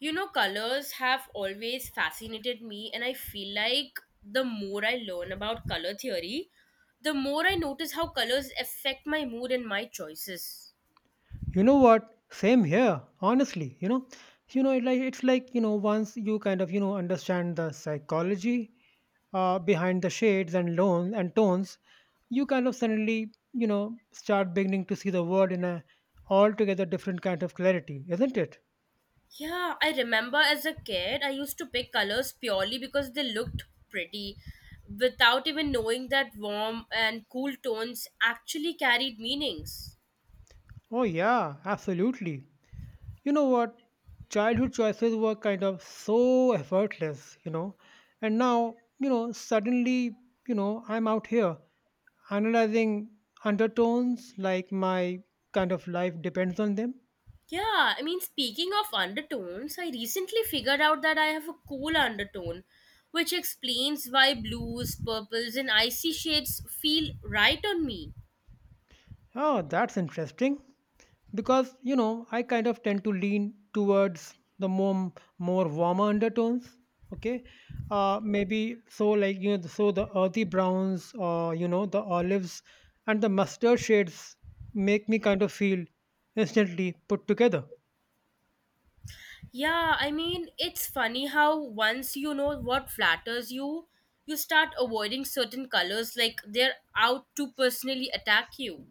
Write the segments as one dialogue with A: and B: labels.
A: You know, colors have always fascinated me, and I feel like the more I learn about color theory, the more I notice how colors affect my mood and my choices.
B: You know what? Same here, honestly. It like it's like you know, once you kind of understand the psychology, behind the shades and loans and tones, you kind of suddenly start beginning to see the world in a altogether different kind of clarity, isn't it?
A: Yeah, I remember as a kid, I used to pick colors purely because they looked pretty, without even knowing that warm and cool tones actually carried meanings.
B: Oh yeah, absolutely. You know what? Childhood choices were kind of so effortless, and now suddenly I'm out here analyzing undertones like my kind of life depends on them.
A: Yeah, I mean, speaking of undertones, I recently figured out that I have a cool undertone, which explains why blues, purples, and icy shades feel right on me.
B: Oh, that's interesting because I kind of tend to lean towards the more warmer undertones. Okay, maybe so like so the earthy browns or the olives and the mustard shades make me kind of feel instantly put together.
A: Yeah, I mean, it's funny how once you know what flatters you, you start avoiding certain colors like they're out to personally attack you.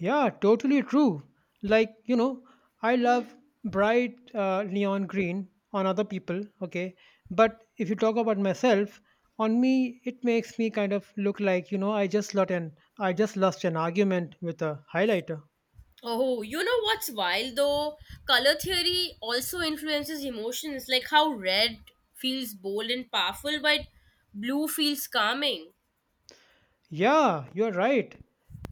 B: Yeah, totally true. Like, I love bright neon green on other people, okay? But if you talk about myself, on me, it makes me kind of look like, I just lost an argument with a highlighter.
A: Oh, you know what's wild though? Color theory also influences emotions, like how red feels bold and powerful, but blue feels calming.
B: Yeah, you're right.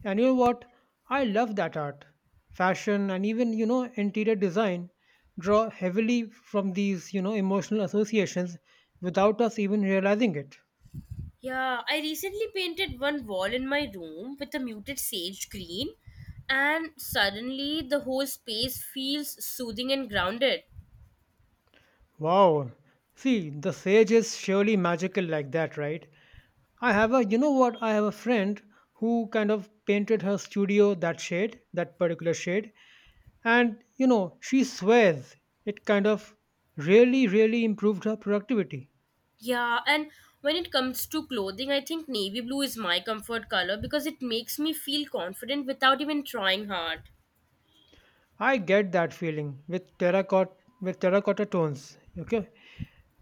B: And you know what? I love that art. Fashion and even, interior design draw heavily from these, emotional associations without us even realizing it.
A: Yeah, I recently painted one wall in my room with a muted sage green, and suddenly the whole space feels soothing and grounded.
B: Wow. See, the sage is surely magical like that, right? You know what? I have a friend who kind of painted her studio that particular shade. And, she swears it kind of really, really improved her productivity.
A: Yeah, and when it comes to clothing, I think navy blue is my comfort color because it makes me feel confident without even trying hard.
B: I get that feeling with with terracotta tones, okay?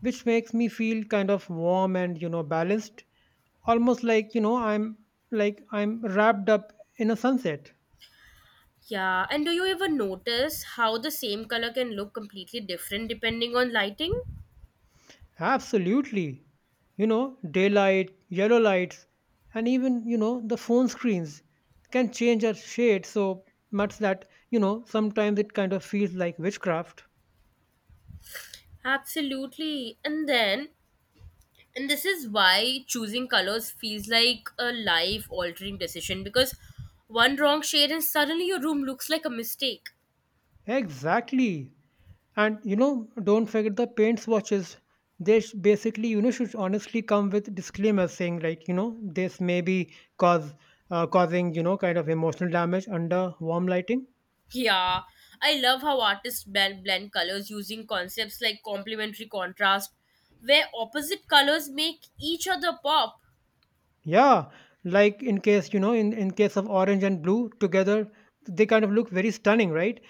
B: Which makes me feel kind of warm and, balanced. Almost like, I'm wrapped up in a sunset.
A: Yeah, and do you ever notice how the same color can look completely different depending on lighting?
B: Absolutely. Daylight, yellow lights, and even, the phone screens can change our shade so much that, sometimes it kind of feels like witchcraft.
A: Absolutely. And this is why choosing colors feels like a life altering decision because one wrong shade and suddenly your room looks like a mistake.
B: Exactly. And, don't forget the paint swatches. They basically, should honestly come with disclaimers saying, like, this may be causing, kind of emotional damage under warm lighting.
A: Yeah, I love how artists blend colors using concepts like complementary contrast, where opposite colors make each other pop.
B: Yeah, like in case, in case of orange and blue together, they kind of look very stunning, right?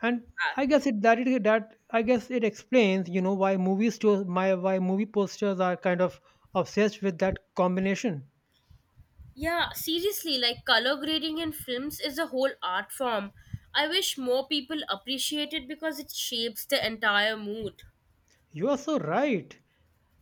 B: And
A: Ah,
B: I guess it explains, why movie posters are kind of obsessed with that combination.
A: yeah, seriously, like color grading in films is a whole art form. I wish more people appreciate it because it shapes the entire mood.
B: You are so right.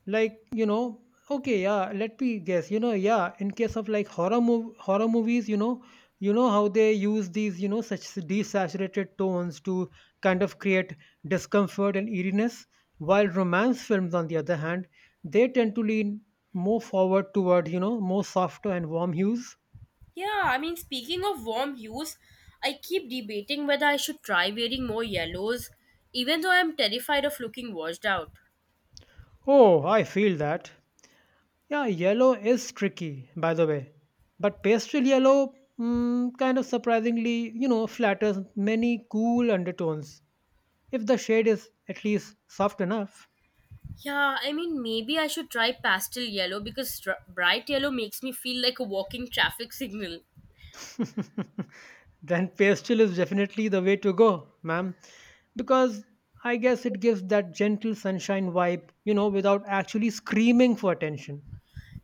B: Like, okay, yeah, let me guess, yeah, in case of like horror movies, how they use these, such desaturated tones to kind of create discomfort and eeriness, while romance films on the other hand, they tend to lean more forward toward, more softer and warm hues.
A: Yeah, I mean, speaking of warm hues, I keep debating whether I should try wearing more yellows, even though I'm terrified of looking washed out.
B: Oh, I feel that. Yeah, yellow is tricky, by the way. But pastel yellow, kind of surprisingly, flatters many cool undertones. If the shade is at least soft enough,
A: Yeah, I mean, maybe I should try pastel yellow because bright yellow makes me feel like a walking traffic signal.
B: then pastel is definitely the way to go, ma'am. Because I guess it gives that gentle sunshine vibe, without actually screaming for attention.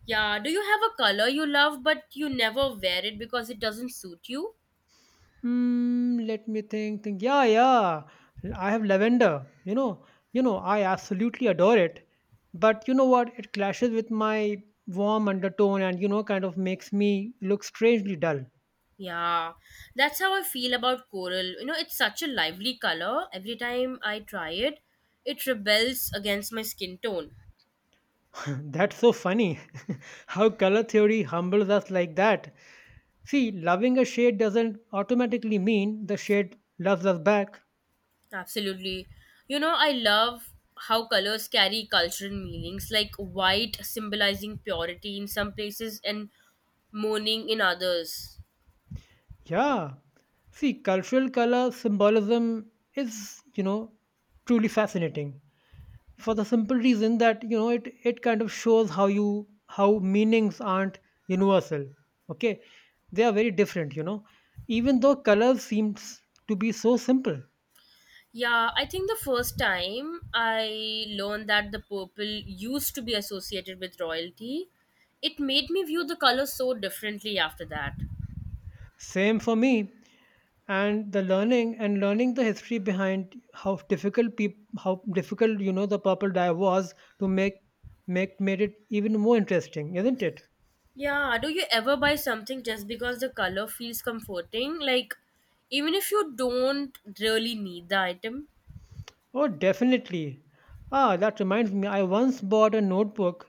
A: Yeah, do you have a color you love but you never wear it because it doesn't suit you?
B: Hmm, let me think. Yeah, yeah. I have lavender. I absolutely adore it. But you know what? It clashes with my warm undertone and kind of makes me look strangely dull.
A: Yeah, that's how I feel about coral. You know, it's such a lively color. Every time I try it, it rebels against my skin tone.
B: That's so funny. How color theory humbles us like that. See, loving a shade doesn't automatically mean the shade loves us back.
A: Absolutely. You know, I love how colors carry cultural meanings, like white symbolizing purity in some places and mourning in others.
B: Yeah. See, cultural color symbolism is, truly fascinating. For the simple reason that it kind of shows how meanings aren't universal. Okay, they are very different, even though colors seems to be so simple.
A: Yeah, I think the first time I learned that the purple used to be associated with royalty, it made me view the color so differently after that.
B: Same for me, and the learning and learning the history behind how difficult how difficult, the purple dye was to make make made it even more interesting, isn't it?
A: Yeah, do you ever buy something just because the color feels comforting? Like, even if you don't really need the item?
B: Oh, definitely. Ah, that reminds me. I once bought a notebook,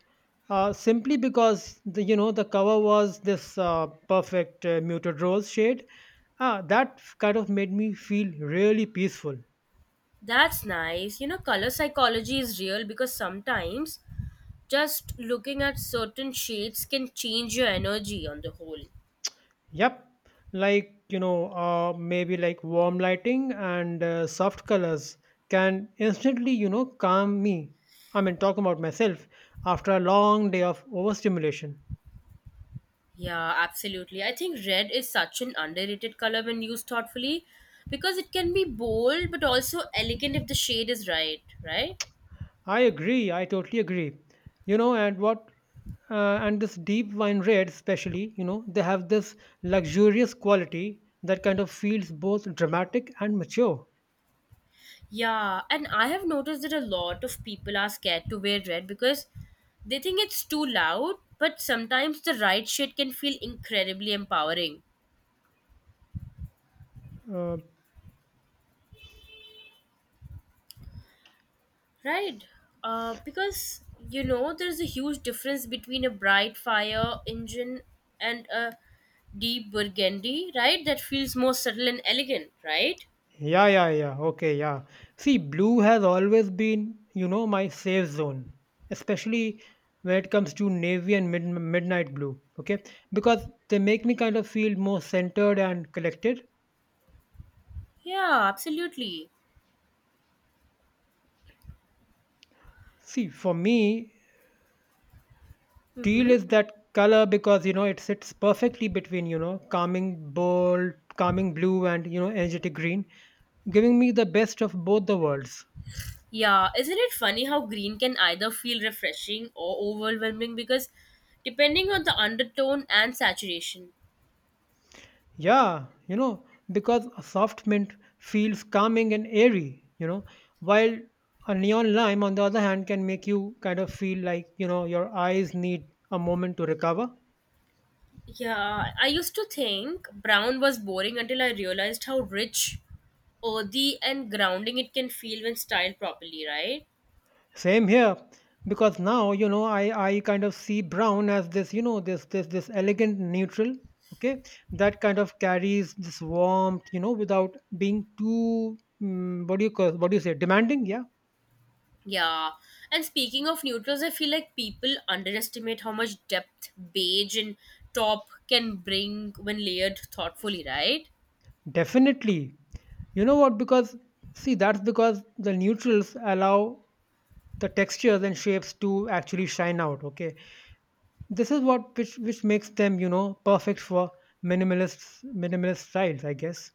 B: simply because the you know the cover was this, perfect, muted rose shade. Ah, that kind of made me feel really peaceful.
A: That's nice. You know, color psychology is real because sometimes just looking at certain shades can change your energy on the whole.
B: Yep, like, maybe like warm lighting and, soft colors can instantly calm me. I mean, talking about myself after a long day of overstimulation.
A: Yeah, absolutely. I think red is such an underrated color when used thoughtfully because it can be bold but also elegant if the shade is right, right?
B: I agree. I totally agree. You know, and what, and this deep wine red, especially, they have this luxurious quality that kind of feels both dramatic and mature.
A: Yeah, and I have noticed that a lot of people are scared to wear red because they think it's too loud, but sometimes the right shade can feel incredibly empowering.
B: Uh,
A: Right? Because, you know, there's a huge difference between a bright fire engine and a deep burgundy, right? That feels more subtle and elegant, right?
B: yeah, yeah, yeah. Okay, yeah. See, blue has always been, my safe zone, especially when it comes to navy and midnight blue. Okay, because they make me kind of feel more centered and collected.
A: Yeah, absolutely.
B: See, for me, teal
A: Mm-hmm.
B: is that color because it sits perfectly between, calming blue, and energetic green, giving me the best of both the worlds.
A: Yeah, isn't it funny how green can either feel refreshing or overwhelming because depending on the undertone and saturation.
B: Yeah, because a soft mint feels calming and airy, while a neon lime on the other hand can make you kind of feel like your eyes need a moment to recover.
A: Yeah, I used to think brown was boring until I realized how rich, earthy, and grounding it can feel when styled properly, right?
B: Same here, because now I kind of see brown as this, this elegant neutral. Okay, that kind of carries this warmth, without being too, what do you say, demanding? Yeah,
A: Yeah. And speaking of neutrals, I feel like people underestimate how much depth beige and top can bring when layered thoughtfully, right?
B: definitely. You know what? Because see, that's because the neutrals allow the textures and shapes to actually shine out. Okay, this is what, which makes them, perfect for minimalist styles, I guess.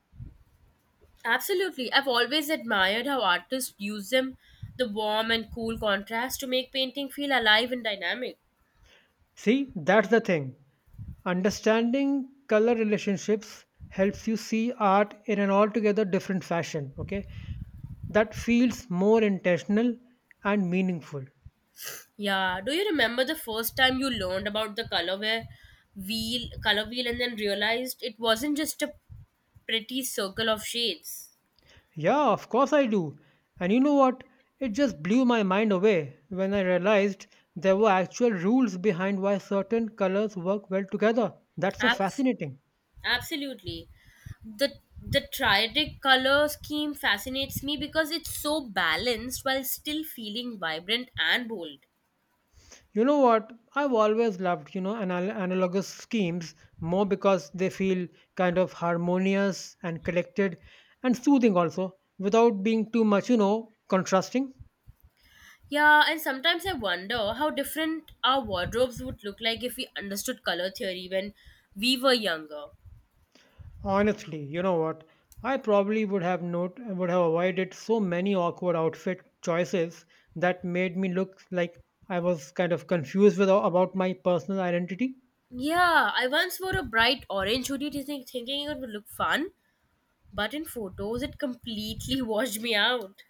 A: Absolutely. I've always admired how artists use them, the warm and cool contrast, to make painting feel alive and dynamic.
B: See, that's the thing. Understanding color relationships helps you see art in an altogether different fashion, okay? That feels more intentional and meaningful.
A: Yeah. Do you remember the first time you learned about the color wheel, and then realized it wasn't just a pretty circle of shades?
B: Yeah, of course I do. And you know what? It just blew my mind away when I realized there were actual rules behind why certain colors work well together. That's so
A: Abs-
B: fascinating.
A: absolutely. The the triadic color scheme fascinates me because it's so balanced while still feeling vibrant and bold.
B: You know what? I've always loved, analogous schemes more because they feel kind of harmonious and collected and soothing also without being too much, contrasting.
A: Yeah, and sometimes I wonder how different our wardrobes would look like if we understood color theory when we were younger.
B: Honestly, you know what? I probably would have not would have avoided so many awkward outfit choices that made me look like I was kind of confused with, about my personal identity.
A: Yeah, I once wore a bright orange hoodie to thinking it would look fun, but in photos it completely washed me out.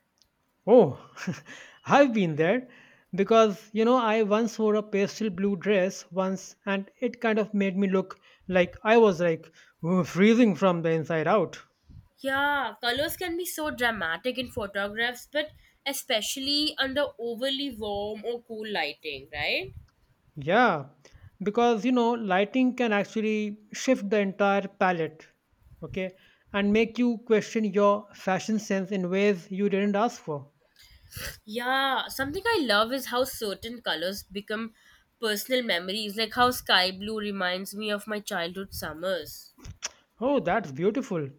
B: Oh, I've been there because I once wore a pastel blue dress once, and it kind of made me look like I was like, "Ooh, freezing from the inside out."
A: Yeah, colors can be so dramatic in photographs, but especially under overly warm or cool lighting, right?
B: Yeah, because lighting can actually shift the entire palette, okay, and make you question your fashion sense in ways you didn't ask for.
A: Yeah, something I love is how certain colors become personal memories, like how sky blue reminds me of my childhood summers.
B: Oh, that's beautiful.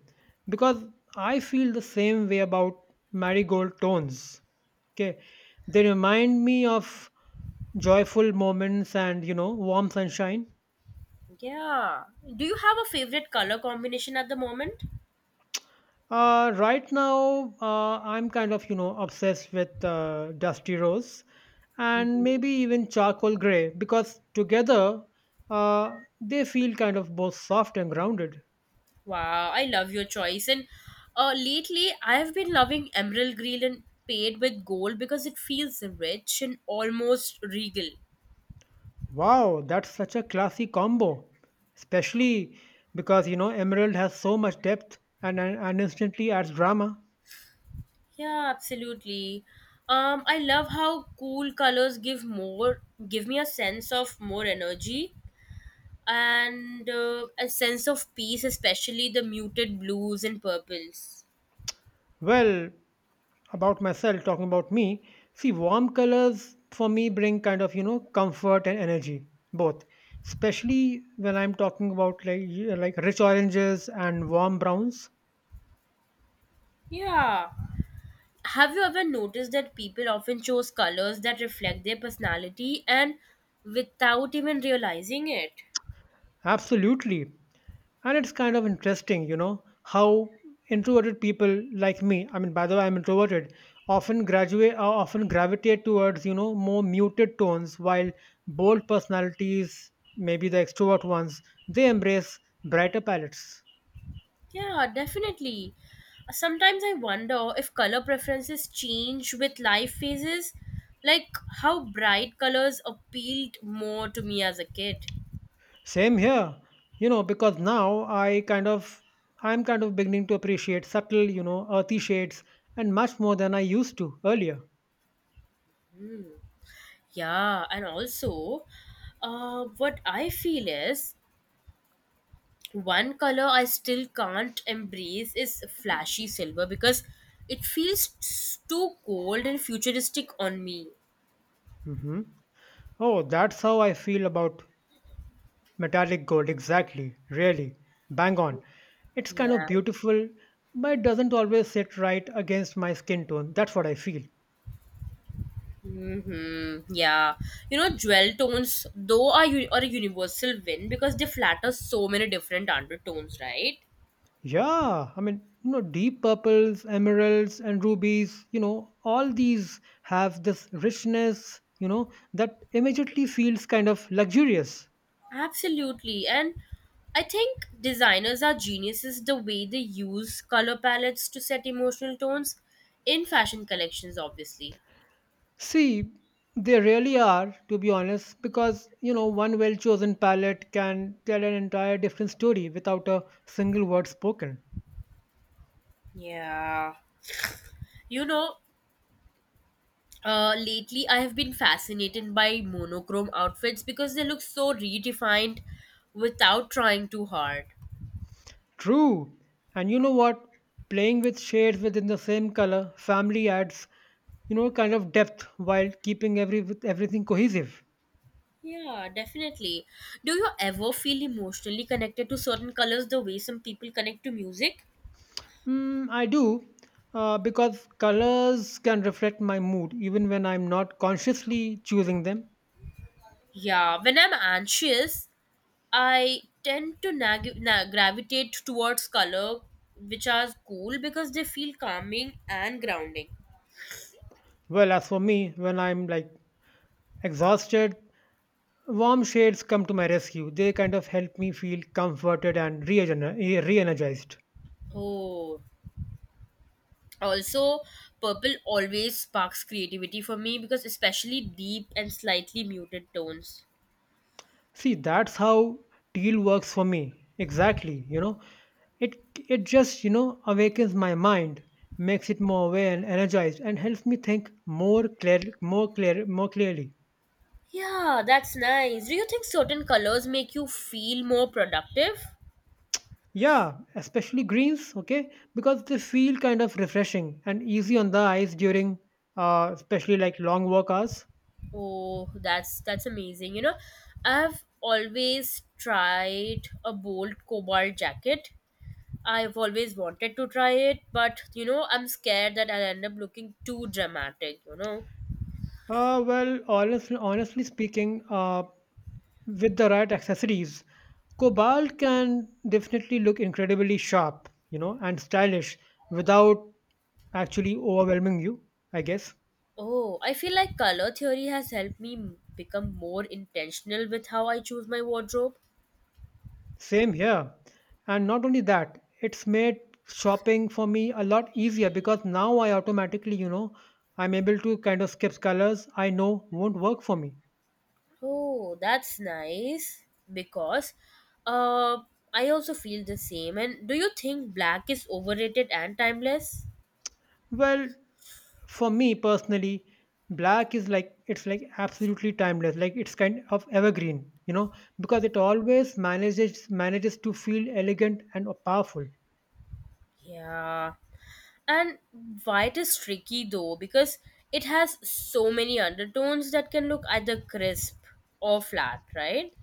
B: Because I feel the same way about marigold tones. Okay. They remind me of joyful moments and, warm sunshine.
A: Yeah. Do you have a favorite color combination at the moment?
B: Right now, I'm kind of, obsessed with, dusty rose and
A: Mhm.
B: maybe even charcoal gray, because together, they feel kind of both soft and grounded.
A: Wow, I love your choice. And lately, I've been loving emerald green and paired with gold because it feels rich and almost regal.
B: Wow, that's such a classy combo, especially because Emerald has so much depth, and instantly adds drama.
A: Yeah, absolutely. I love how cool colors give me a sense of more energy and a sense of peace, especially the muted blues and purples.
B: Well, about myself, talking about me, see, warm colors for me bring kind of comfort and energy both, especially when I'm talking about like like rich oranges and warm browns.
A: Yeah. Have you ever noticed that people often choose colors that reflect their personality and without even realizing it?
B: Absolutely. And it's kind of interesting, how introverted people like me, I mean, by the way, I'm introverted, often gravitate towards, more muted tones, while bold personalities, maybe the extrovert ones, they embrace brighter palettes.
A: Yeah, definitely. Sometimes I wonder if color preferences change with life phases, like how bright colors appealed more to me as a kid.
B: Same here, because now, I'm kind of beginning to appreciate subtle, earthy shades and much more than I used to earlier.
A: Yeah, and also, what I feel is one color I still can't embrace is flashy silver because it feels too cold and futuristic on me.
B: Hmm. Oh, that's how I feel about metallic gold, exactly. Really. Bang on. It's kind of
A: Yeah.
B: beautiful, but it doesn't always sit right against my skin tone. That's what I feel.
A: Hmm. Yeah. You know, jewel tones, though, are a universal win because they flatter so many different undertones, right?
B: Yeah, I mean, deep purples, emeralds, and rubies, all these have this richness, that immediately feels kind of luxurious.
A: Absolutely. And I think designers are geniuses the way they use color palettes to set emotional tones in fashion collections, obviously.
B: See, they really are, to be honest, because, one well chosen palette can tell an entire different story without a single word spoken.
A: Yeah. You know, lately, I have been fascinated by monochrome outfits because they look so redefined without trying too hard.
B: True. And you know what? Playing with shades within the same color family adds, kind of depth while keeping every with everything cohesive.
A: Yeah, definitely. Do you ever feel emotionally connected to certain colors the way some people connect to music?
B: Mm, I do, because colors can reflect my mood even when I'm not consciously choosing them.
A: Yeah, when I'm anxious, I tend to gravitate towards color which are cool because they feel calming and grounding.
B: Well, as for me, when I'm like exhausted, warm shades come to my rescue. They kind of help me feel comforted and re energized.
A: Oh, also, purple always sparks creativity for me because especially deep and slightly muted tones.
B: See, that's how teal works for me. Exactly, it it just awakens my mind, makes it more aware and energized, and helps me think more clearly.
A: Yeah, that's nice. Do you think certain colors make you feel more productive?
B: Yeah, especially greens, okay, because they feel kind of refreshing and easy on the eyes during, especially like long work hours.
A: Oh, that's amazing. You know, I've always tried a bold cobalt jacket. I've always wanted to try it, but you know, I'm scared that I'll end up looking too dramatic, you know.
B: Well, honestly speaking, with the right accessories, cobalt can definitely look incredibly sharp, you know, and stylish without actually overwhelming you, I guess.
A: Oh, I feel like color theory has helped become more intentional with how I choose my wardrobe.
B: Same here. And not only that, it's made shopping for me a lot easier because now I automatically, you know, I'm able to kind of skip colors I know won't work for me.
A: Oh, that's nice because uh I also feel the same. And do you think black is overrated and timeless?
B: Well, for me personally, black is like absolutely timeless. Like it's kind of evergreen, you know, because it always manages to feel elegant and powerful.
A: Yeah. And white is tricky though because it has so many undertones that can look either crisp or flat, right?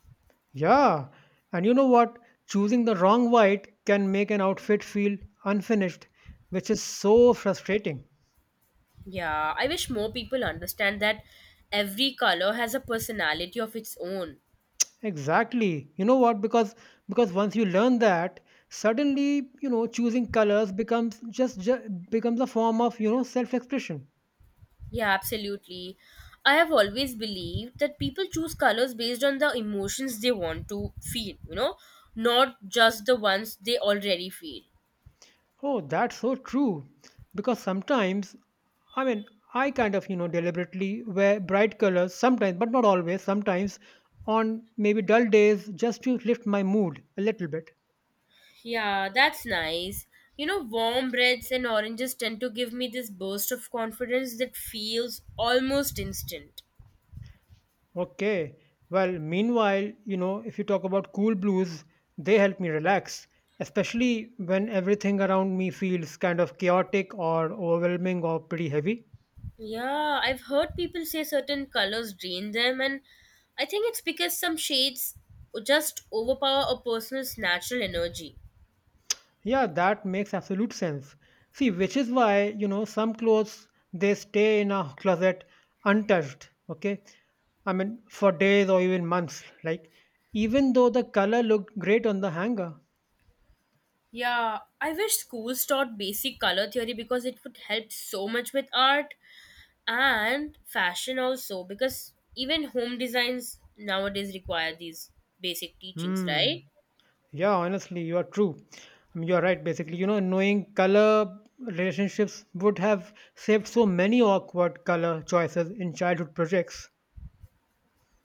B: Yeah, and you know what? Choosing the wrong white can make an outfit feel unfinished, which is so frustrating.
A: Yeah, I wish more people understand that every color has a personality of its own.
B: Exactly. You know what? Because once you learn that, suddenly you know choosing colors becomes just becomes a form of self-expression.
A: Yeah, absolutely. I have always believed that people choose colors based on the emotions they want to feel, you know, not just the ones they already feel.
B: Oh, that's so true. Because sometimes, I mean, I kind of, you know, deliberately wear bright colors sometimes, but not always, sometimes on maybe dull days just to lift my mood a little bit.
A: Yeah, that's nice. You know, warm reds and oranges tend to give me this burst of confidence that feels almost instant.
B: Okay. Well, meanwhile, you know, if you talk about cool blues, they help me relax, especially when everything around me feels kind of chaotic or overwhelming or pretty heavy.
A: Yeah, I've heard people say certain colors drain them, and I think it's because some shades just overpower a person's natural energy.
B: Yeah, that makes absolute sense. See, which is why, you know, some clothes they stay in a closet untouched, okay? I mean, for days or even months, like even though the color looked great on the hanger.
A: Yeah, I wish schools taught basic color theory because it would help so much with art and fashion also, because even home designs nowadays require these basic teachings,
B: Hmm.
A: right?
B: Yeah, honestly, you are true. I mean, you are right, basically. You know, knowing color relationships would have saved so many awkward color choices in childhood projects.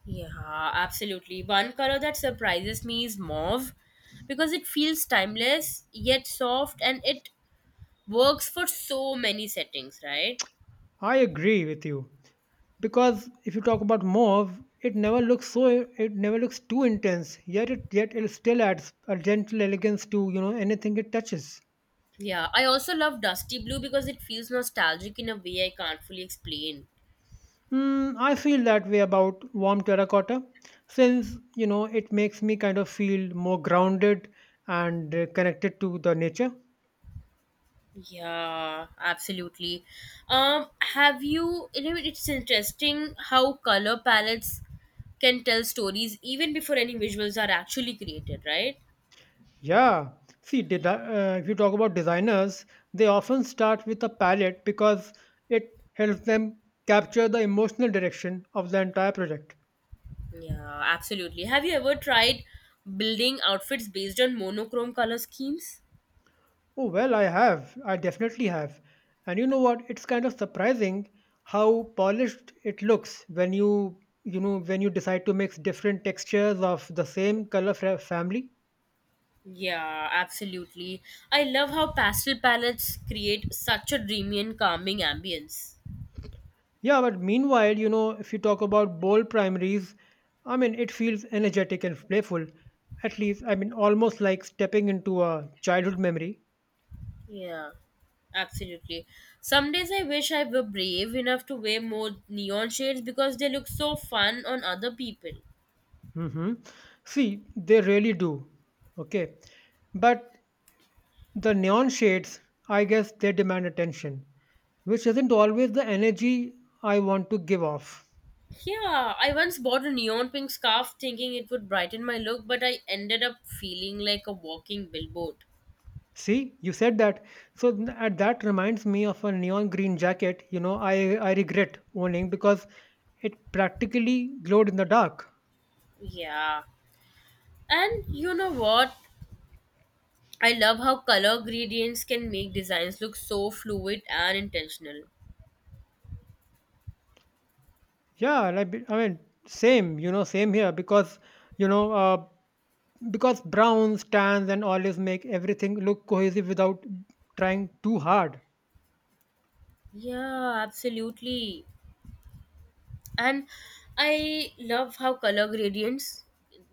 A: Yeah, absolutely. One color that surprises me is mauve because it feels timeless yet soft and it works for so many settings, right?
B: I agree with you, because if you talk about mauve, it never looks too intense, yet it still adds a gentle elegance to anything it touches.
A: Yeah, I also love Dusty Blue because it feels nostalgic in a way I can't fully explain.
B: Mm, I feel that way about warm terracotta, since you know it makes me kind of feel more grounded and, connected to the nature.
A: Yeah, absolutely. Have you? You know, it's interesting how color palettes can tell stories even before any visuals are actually created, right?
B: Yeah, see, did if you talk about designers, they often start with a palette because it helps them capture the emotional direction of the entire project.
A: Yeah, absolutely. Have you ever tried building outfits based on monochrome color schemes?
B: Oh, well, I have. I definitely have. And you know what? It's kind of surprising how polished it looks when you know, when you decide to mix different textures of the same color family.
A: Yeah, absolutely. I love how pastel palettes create such a dreamy and calming ambience.
B: Yeah, but meanwhile, you know, if you talk about bold primaries, I mean, it feels energetic and playful. At least, I mean, almost like stepping into a childhood memory.
A: Yeah, absolutely. Some days I wish I were brave enough to wear more neon shades because they look so fun on other people.
B: Mm-hmm. See, they really do. Okay. But the neon shades, I guess they demand attention, which isn't always the energy I want to give off.
A: Yeah, I once bought a neon pink scarf thinking it would brighten my look, but I ended up feeling like a walking billboard.
B: See, you said that. So th- at that reminds me of a neon green jacket, you know, I regret owning because it practically glowed in the dark.
A: Yeah. And you know what? I love how color gradients can make designs look so fluid and intentional.
B: Yeah, like, I mean, same, you know, same here because, you know, uh, because browns, tans, and olives make everything look cohesive without trying too hard.
A: Yeah, absolutely. And I love how color gradients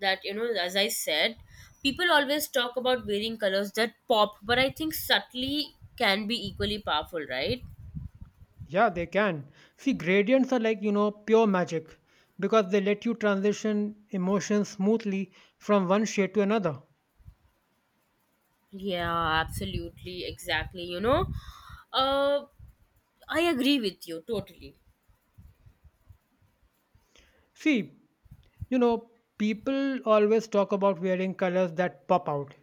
A: that, you know, as I said, people always talk about wearing colors that pop, but I think subtly can be equally powerful, right?
B: Yeah, they can. See, gradients are like, you know, pure magic because they let you transition emotions smoothly from one shade to another.
A: Yeah, absolutely. Exactly. You know, uh, I agree with you totally.
B: See, you know, people always talk about wearing colors that pop out,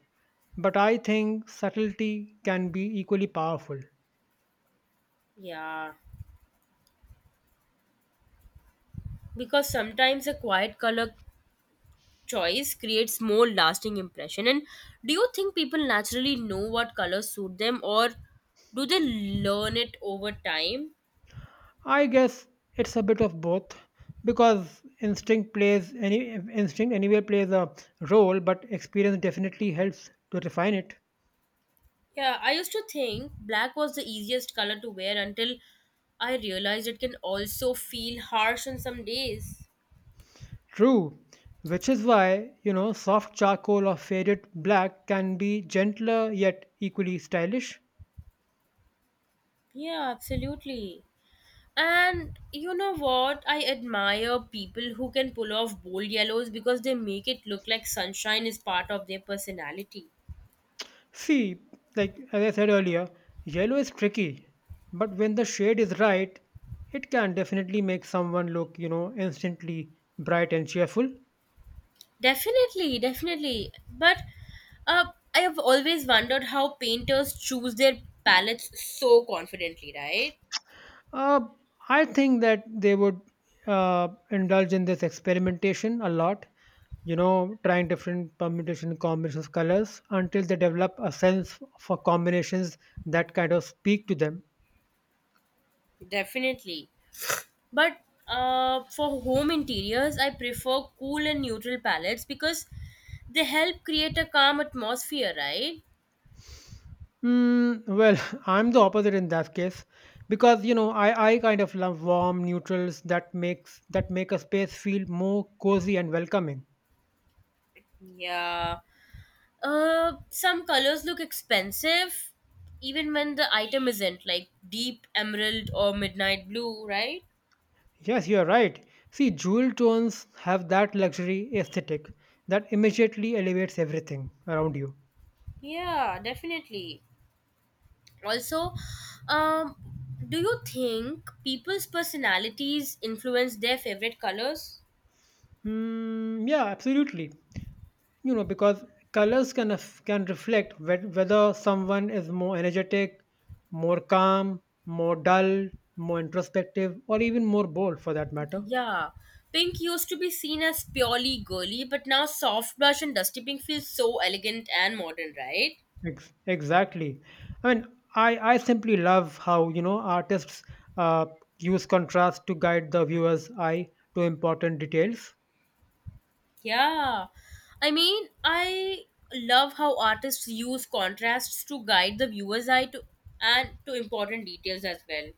B: but I think subtlety can be equally powerful.
A: Yeah. Because sometimes a quiet color choice creates more lasting impression, and do you think people naturally know what colors suit them or do they learn it over time?
B: I guess it's a bit of both because instinct anywhere plays a role, but experience definitely helps to refine it.
A: Yeah, I used to think black was the easiest color to wear until I realized it can also feel harsh on some days.
B: True, which is why, you know, soft charcoal or faded black can be gentler yet equally stylish.
A: Yeah, absolutely. And you know what? I admire people who can pull off bold yellows because they make it look like sunshine is part of their personality.
B: See, like as I said earlier, yellow is tricky, but when the shade is right, it can definitely make someone look, you know, instantly bright and cheerful.
A: Definitely. But uh, I have always wondered how painters choose their palettes so confidently, right?
B: Uh, I think that they would, indulge in this experimentation a lot, you know, trying different permutation combinations of colors until they develop a sense for combinations that kind of speak to them.
A: Definitely. But for home interiors, I prefer cool and neutral palettes because they help create a calm atmosphere, right?
B: Mm, well, I'm the opposite in that case because you know I kind of love warm neutrals that make a space feel more cozy and welcoming.
A: Yeah. Some colors look expensive even when the item isn't, like deep emerald or midnight blue, right?
B: Yes, you are right. See, jewel tones have that luxury aesthetic that immediately elevates everything around you.
A: Yeah, definitely. Also, um, do you think people's personalities influence their favorite colors?
B: Hmm, yeah, absolutely. You know, because colors can reflect whether someone is more energetic, more calm, more dull, more introspective, or even more bold, for that matter.
A: Yeah, pink used to be seen as purely girly, but now soft blush and dusty pink feels so elegant and modern, right?
B: Exactly. I mean, I simply love how you know artists, uh, use contrast to guide the viewer's eye to important details.
A: Yeah, I mean, I love how artists use contrasts to guide the viewer's eye to and to important details as well.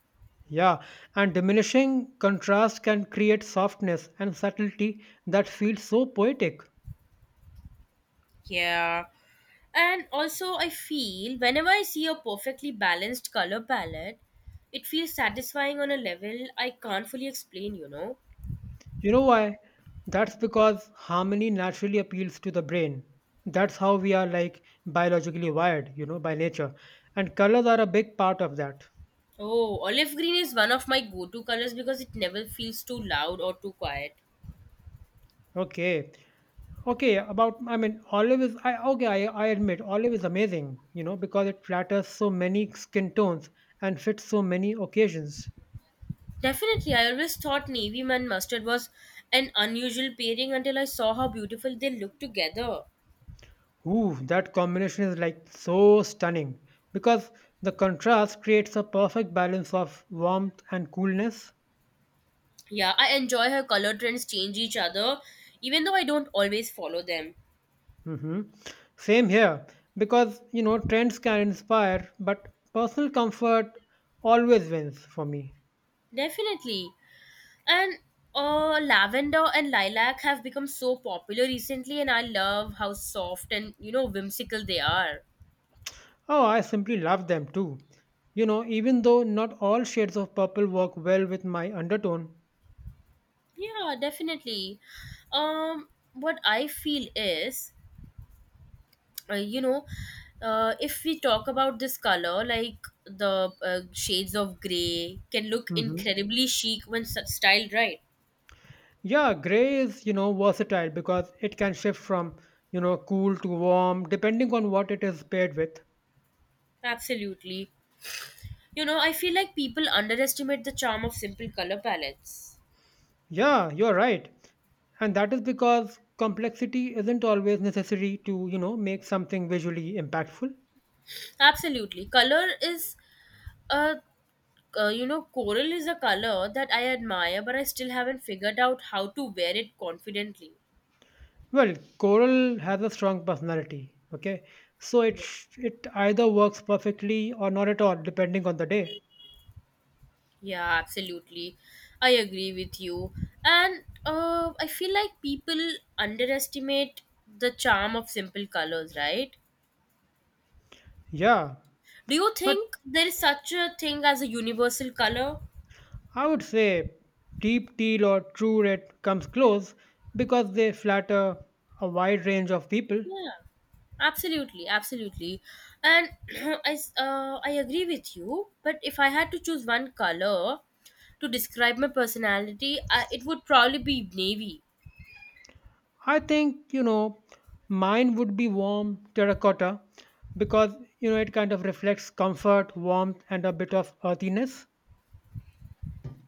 B: Yeah, and diminishing contrast can create softness and subtlety that feels so poetic.
A: Yeah. And also, I feel whenever I see a perfectly balanced color palette, it feels satisfying on a level I can't fully explain, you know.
B: You know why? That's because harmony naturally appeals to the brain. That's how we are like biologically wired, you know, by nature. And colors are a big part of that.
A: Oh, olive green is one of my go to colors because it never feels too loud or too quiet.
B: Okay. Okay, about I mean olive is I okay, I admit olive is amazing, you know, because it flatters so many skin tones and fits so many occasions.
A: Definitely, I always thought navy and mustard was an unusual pairing until I saw how beautiful they look together.
B: Ooh, that combination is like so stunning because the contrast creates a perfect balance of warmth and coolness.
A: Yeah, I enjoy how color trends change each other, even though I don't always follow them.
B: Mhm. Same here because you know trends can inspire, but personal comfort always wins for me.
A: Definitely. And lavender and lilac have become so popular recently, and I love how soft and you know whimsical they are.
B: Oh, I simply love them too. You know, even though not all shades of purple work well with my undertone.
A: Yeah, definitely. Um, what I feel is, you know, If we talk about this color, like the shades of gray can look
B: Mhm.
A: incredibly chic when styled right.
B: Yeah, gray is, you know, versatile because it can shift from, you know, cool to warm depending on what it is paired with.
A: Absolutely. You know, I feel like people underestimate the charm of simple color palettes.
B: Yeah, you're right. And that is because complexity isn't always necessary to, you know, make something visually impactful.
A: Absolutely. Color is a You know, coral is a color that I admire, but I still haven't figured out how to wear it confidently.
B: Well, coral has a strong personality, okay? So it
A: Yeah.
B: sh- it either works perfectly or not at all depending on the day.
A: Yeah, absolutely. I agree with you. And I feel like people underestimate the charm of simple colors, right?
B: Yeah,
A: Do you
B: but
A: think there is such a thing as a universal color?
B: I would say deep teal or true red comes close because they flatter a wide range of people.
A: Yeah, absolutely, and I agree with you. But if I had to choose one color to describe my personality, it would probably be navy.
B: I think, you know, mine would be warm terracotta because, you know, it kind of reflects comfort, warmth, and a bit of earthiness.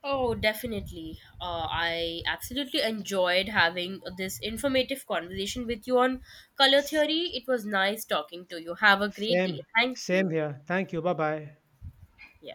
A: Oh, definitely. I absolutely enjoyed having this informative conversation with you on color theory. It was nice talking to you. Have a great day.
B: Same,
A: Thank
B: same
A: you.
B: here. Thank you. Bye bye.
A: Yeah.